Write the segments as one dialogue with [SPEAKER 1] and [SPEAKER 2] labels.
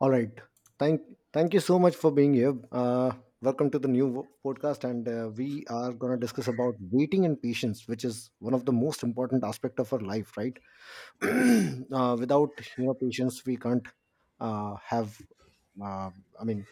[SPEAKER 1] All right. Thank thank you so much for being here. Welcome to the new podcast, and we are going to discuss about waiting and patience, which is one of the most important aspect of our life, right? Without patience, we can't uh, have uh, I mean,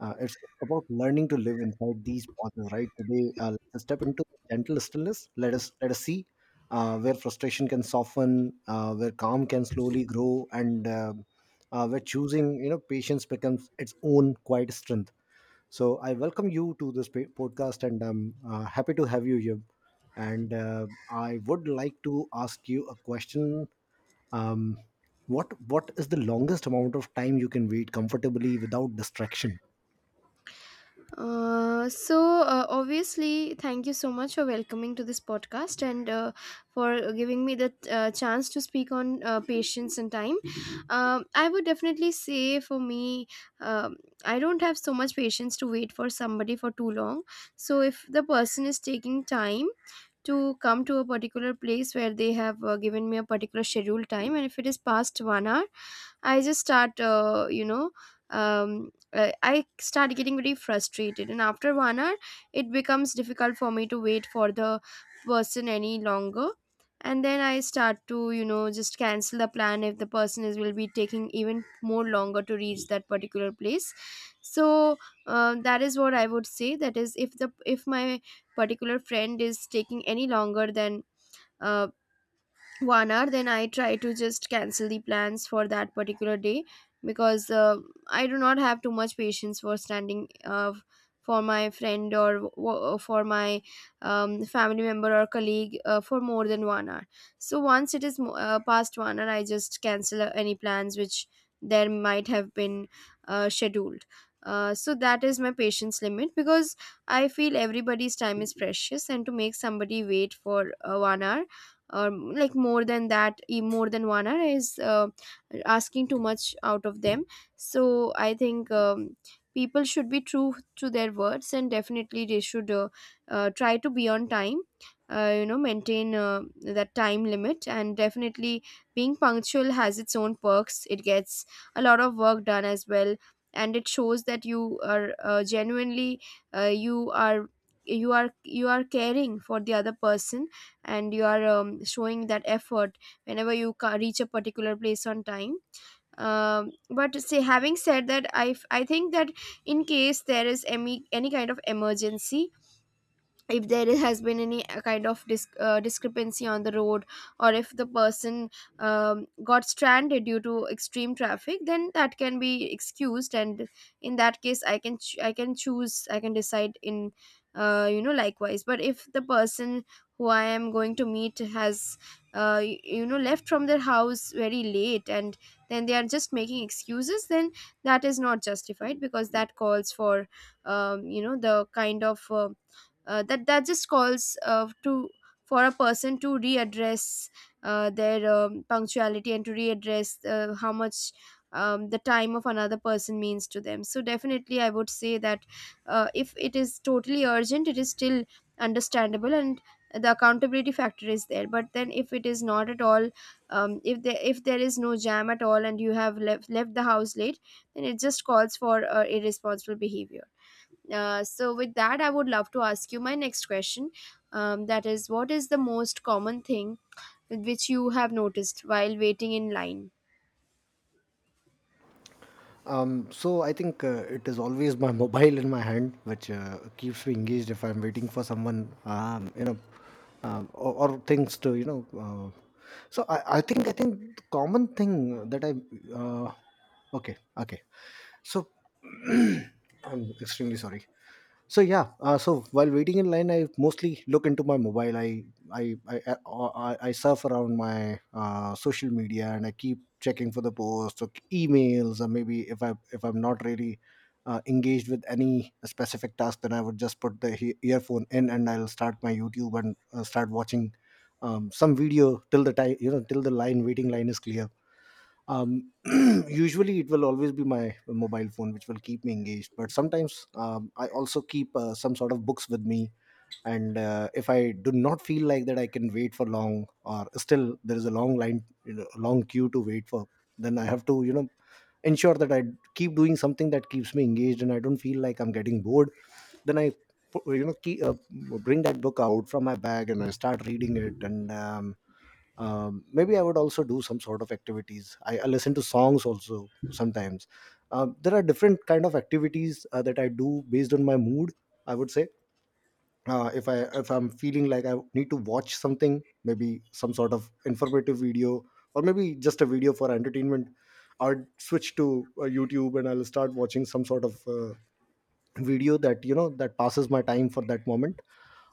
[SPEAKER 1] it's about learning to live inside these pauses, right? Today, let's step into the gentle stillness. Let us see where frustration can soften, where calm can slowly grow, and where choosing patience becomes its own quiet strength. So, I welcome you to this podcast, and I'm happy to have you here. And I would like to ask you a question. um, what is the longest amount of time you can wait comfortably without distraction?
[SPEAKER 2] Obviously thank you so much for welcoming to this podcast, and for giving me the chance to speak on patience and time. I would definitely say, for me, um, I don't have so much patience to wait for somebody for too long. So if the person is taking time to come to a particular place where they have given me a particular schedule time, and if it is past 1 hour, I just start you know um, I start getting very frustrated, and after 1 hour it becomes difficult for me to wait for the person any longer. And then I start to just cancel the plan if the person is will be taking even more longer to reach that particular place. So that is what I would say, that is, if my particular friend is taking any longer than uh, 1 hour, then I try to just cancel the plans for that particular day, because I do not have too much patience for standing for my friend, or for my family member, or colleague, for more than 1 hour. So once it is past 1 hour, I just cancel any plans which there might have been scheduled. So that is my patience limit, because I feel everybody's time is precious, and to make somebody wait for 1 hour, like more than that, more than 1 hour, is asking too much out of them. So I think people should be true to their words, and definitely they should try to be on time, you know, maintain that time limit. And definitely being punctual has its own perks. It gets a lot of work done as well, and it shows that you are genuinely you are you are you are caring for the other person, and you are showing that effort whenever you reach a particular place on time. But say having said that, I think that in case there is any kind of emergency, if there has been any kind of discrepancy on the road, or if the person got stranded due to extreme traffic, then that can be excused. And in that case, I can choose, I can decide in you know likewise. But if the person who I am going to meet has left from their house very late, and then they are just making excuses, then that is not justified, because that calls for you know the kind of that just calls to for a person to readdress their punctuality, and to readdress how much the time of another person means to them. So definitely I would say that if it is totally urgent, it is still understandable, and the accountability factor is there. But then if it is not at all if there is no jam at all, and you have left the house late, then it just calls for irresponsible behavior. So, with that, I would love to ask you my next question. That is, what is the most common thing which you have noticed while waiting in line?
[SPEAKER 1] So I think, it is always my mobile in my hand which keeps me engaged if I'm waiting for someone. Or things to you know so I think the common thing that I uh, okay, so I'm extremely sorry. So yeah, so while waiting in line, I mostly look into my mobile. I surf around my social media and I keep checking for the posts or emails, or maybe if I'm not really engaged with any specific task, then I would just put the earphone in and I'll start my YouTube and start watching some video till the time, till the line waiting line is clear. um, Usually it will always be my mobile phone which will keep me engaged, but sometimes I also keep some sort of books with me. And if I do not feel like that I can wait for long, or still there is a long line, you know, a long queue to wait for, then I have to, you know, ensure that I keep doing something that keeps me engaged and I don't feel like I'm getting bored. Then I you know keep, bring that book out from my bag and I start reading it. And maybe I would also do some sort of activities. I listen to songs also sometimes. There are different kind of activities that I do based on my mood, I would say. If I if I'm feeling like I need to watch something, maybe some sort of informative video or maybe just a video for entertainment, I'd switch to YouTube and I'll start watching some sort of video that, you know, that passes my time for that moment.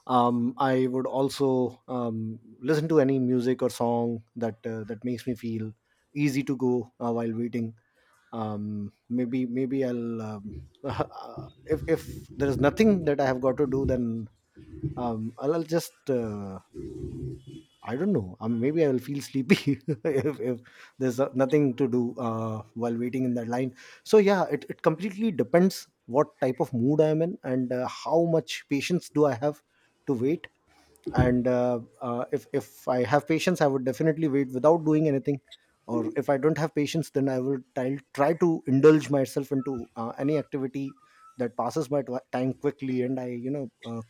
[SPEAKER 1] I would also listen to any music or song that that makes me feel easy to go while waiting. Maybe I'll uh, if if there is nothing that I have got to do, then I'll just I don't know, maybe I will feel sleepy if there's nothing to do while waiting in that line. So yeah, it completely depends what type of mood I am in and how much patience do I have to wait. And if if I have patience, I would definitely wait without doing anything, or if I don't have patience, then I will try to indulge myself into any activity that passes my time quickly and I, you know,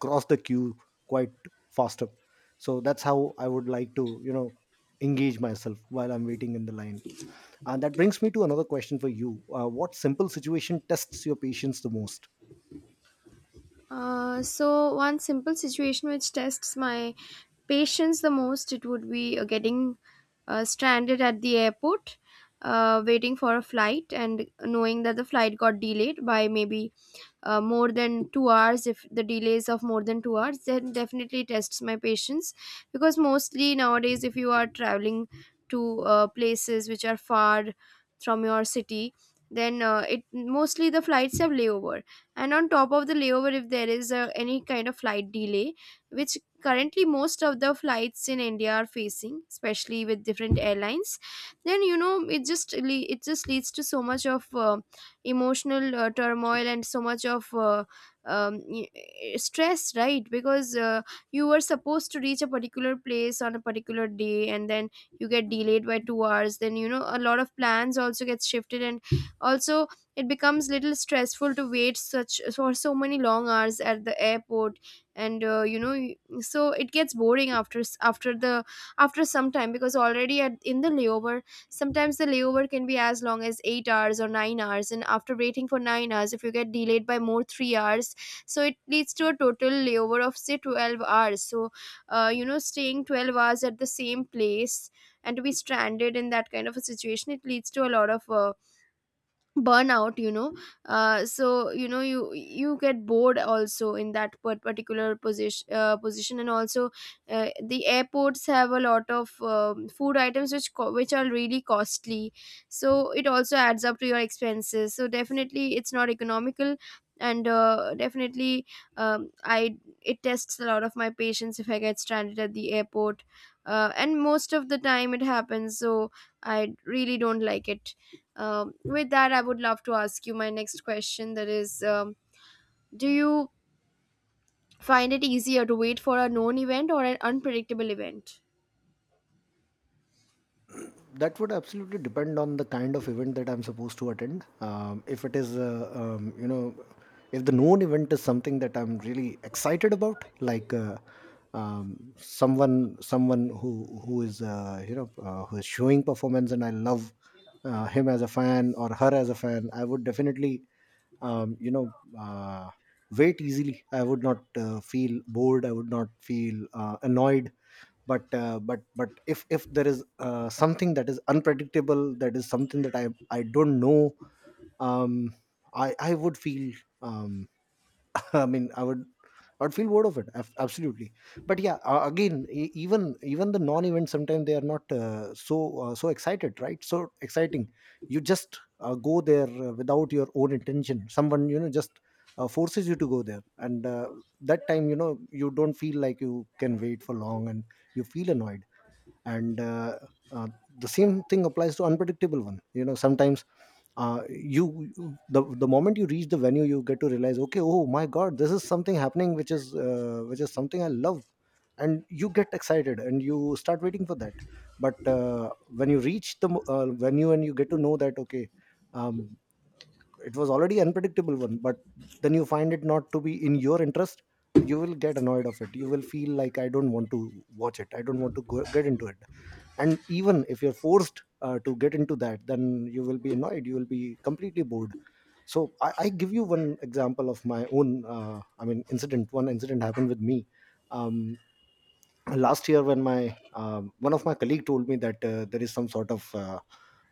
[SPEAKER 1] cross the queue quite faster. So that's how I would like to, you know, engage myself while I'm waiting in the line. And that brings me to another question for you. What simple situation tests your patience the most?
[SPEAKER 2] One simple situation which tests my patience the most, it would be getting stranded at the airport, waiting for a flight, and knowing that the flight got delayed by maybe more than 2 hours. If the delays of more than 2 hours, then definitely tests my patience, because mostly nowadays if you are traveling to places which are far from your city, then it mostly the flights have layover. And on top of the layover, if there is any kind of flight delay, which currently most of the flights in India are facing, especially with different airlines, then you know it just leads to so much of emotional turmoil, and so much of stress, right? Because you were supposed to reach a particular place on a particular day, and then you get delayed by 2 hours. Then you know a lot of plans also gets shifted, and also it becomes little stressful to wait such for so many long hours at the airport. And you know so it gets boring after s- after the after some time, because already at in the layover sometimes the layover can be as long as 8 hours or 9 hours, and after waiting for 9 hours, if you get delayed by more 3 hours, so it leads to a total layover of say 12 hours. So, you know, staying 12 hours at the same place, and to be stranded in that kind of a situation, it leads to a lot of burnout. So you know you get bored also in that particular position. And also the airports have a lot of food items which which are really costly, so it also adds up to your expenses. So definitely it's not economical. And definitely I it tests a lot of my patience if I get stranded at the airport. And most of the time it happens, so I really don't like it. With that, I would love to ask you my next question. That is, do you find it easier to wait for a known event or an unpredictable event?
[SPEAKER 1] That would absolutely depend on the kind of event that I'm supposed to attend. If it is, you know, if the known event is something that I'm really excited about, like someone who is you know who is showing performance, and I love him as a fan or her as a fan, I would definitely um, you know uh, wait easily. I would not feel bored. I would not feel annoyed, but if if there is something that is unpredictable, that is something that I don't know. Um i i would feel, um I mean, I would, I would feel bored of it, absolutely. But yeah, again, even the non events sometimes they are not so excited, right, so exciting. You just go there without your own intention, someone, you know, just forces you to go there, and that time, you know, you don't feel like you can wait for long and you feel annoyed. And uh, the same thing applies to unpredictable one. You know, sometimes the moment you reach the venue, you get to realize, okay, oh my god, this is something happening which is something I love, and you get excited and you start waiting for that. But when you reach the venue and you get to know that, okay, um, it was already unpredictable one, but then you find it not to be in your interest, you will get annoyed of it. You will feel like I don't want to watch it, I don't want to go, get into it. And even if you're forced to get into that, then you will be annoyed, you will be completely bored. So I give you one example of my own, I mean incident, one incident happened with me um, last year when my one of my colleague told me that there is some sort of uh,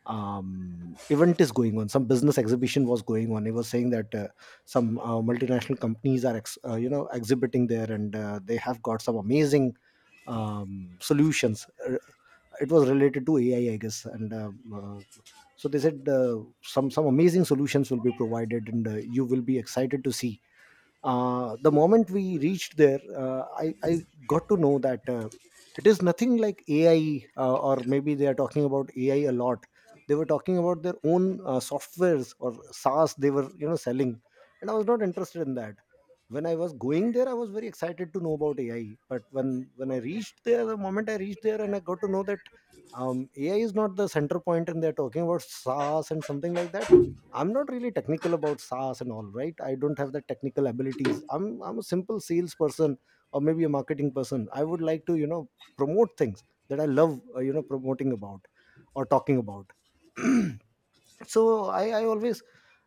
[SPEAKER 1] um, event is going on, some business exhibition was going on. He was saying that some multinational companies are you know, exhibiting there, and they have got some amazing solutions. It was related to AI, I guess, and uh, so they said some amazing solutions will be provided and you will be excited to see. The moment we reached there, I got to know that it is nothing like AI, or maybe they are talking about AI a lot. They were talking about their own softwares, or SaaS they were, you know, selling, and I was not interested in that. When I was going there, I was very excited to know about AI, but when I reached there, the moment I reached there, and I got to know that AI is not the center point and they're talking about SaaS and something like that. I'm not really technical about SaaS and all, right? I don't have the technical abilities. I'm a simple salesperson or maybe a marketing person. I would like to, you know, promote things that I love, you know, promoting about or talking about. So I always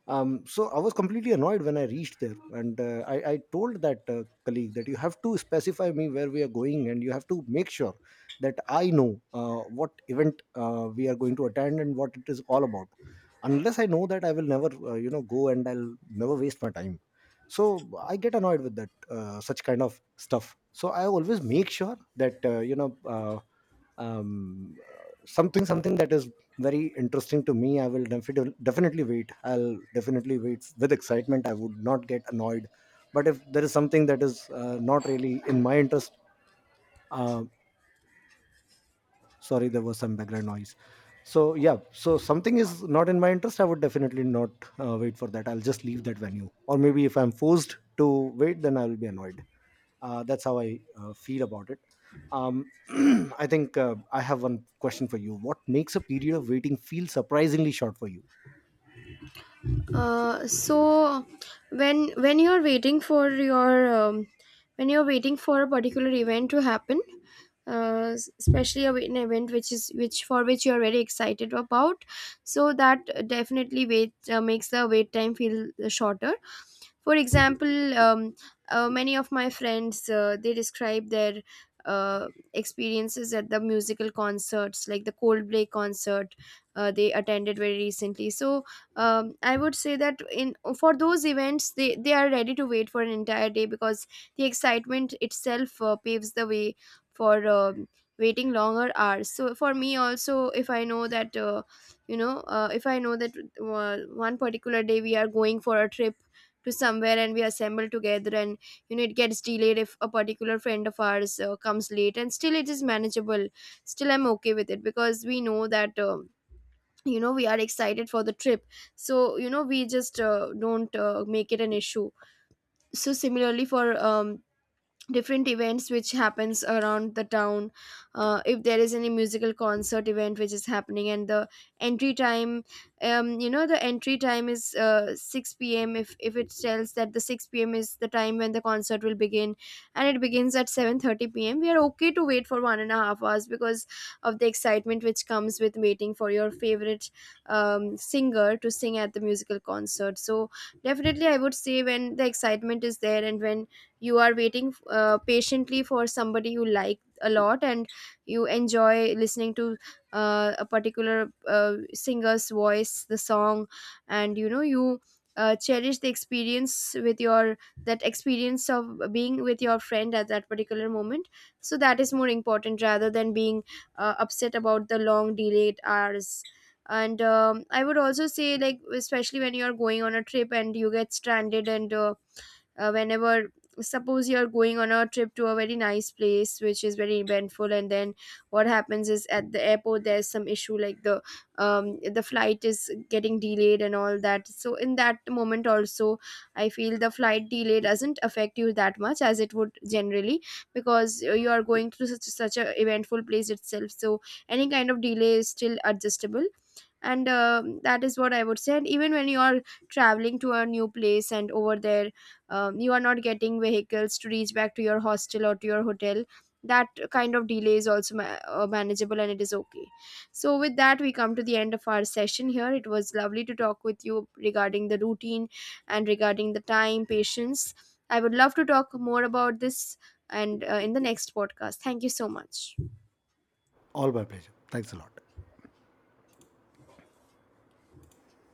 [SPEAKER 1] so I was completely annoyed when I reached there. And I told that colleague that you have to specify me where we are going, and you have to make sure that I know what event we are going to attend and what it is all about. Unless I know that, I will never you know, go, and I'll never waste my time. So I get annoyed with that such kind of stuff. So I always make sure that you know, something that is very interesting to me, I will definitely wait. I'll definitely wait with excitement. I would not get annoyed. But if there is something that is not really in my interest, uh, sorry, there was some background noise. So yeah, so something is not in my interest, I would definitely not wait for that. I'll just leave that venue, or maybe if I'm forced to wait, then I'll be annoyed. That's how I feel about it. um, I think I have one question for you. What makes a period of waiting feel surprisingly short for you?
[SPEAKER 2] Uh, so when when you're waiting for your um, when you're waiting for a particular event to happen, especially an event which is which for which you're very excited about, so that definitely wait makes the wait time feel shorter. For example, many of my friends, they describe their uh, experiences at the musical concerts, like the Coldplay concert they attended very recently. So I would say that in for those events they are ready to wait for an entire day, because the excitement itself paves the way for waiting longer hours. So for me also, if I know that you know if I know that one particular day we are going for a trip to somewhere, and we assemble together, and it gets delayed if a particular friend of ours comes late, and still it is manageable, still I'm okay with it, because we know that we are excited for the trip. So, we just don't make it an issue. So similarly, for different events which happens around the town, if there is any musical concert event which is happening, and entry time the entry time is 6 p.m., if it tells that the 6 p.m. is the time when the concert will begin, and it begins at 7:30 p.m., we are okay to wait for 1.5 hours, because of the excitement which comes with waiting for your favorite singer to sing at the musical concert. So definitely I would say, when the excitement is there and when you are waiting patiently for somebody you like a lot, and you enjoy listening to a particular singer's voice, the song, and you know you cherish the experience with your that experience of being with your friend at that particular moment. So that is more important rather than being upset about the long delayed hours. And I would also say, like, especially when you are going on a trip and you get stranded, and whenever, suppose you're going on a trip to a very nice place which is very eventful, and then what happens is at the airport there's some issue, like the flight is getting delayed and all that. So in that moment also, I feel the flight delay doesn't affect you that much as it would generally, because you are going to such a eventful place itself, so any kind of delay is still adjustable. And that is what I would say. And even when you are traveling to a new place and over there, you are not getting vehicles to reach back to your hostel or to your hotel, that kind of delay is also manageable, and it is okay. So with that, we come to the end of our session here. It was lovely to talk with you regarding the routine and regarding the time patience. I would love to talk more about this, and in the next podcast. Thank you so much.
[SPEAKER 1] All my pleasure. Thanks a lot.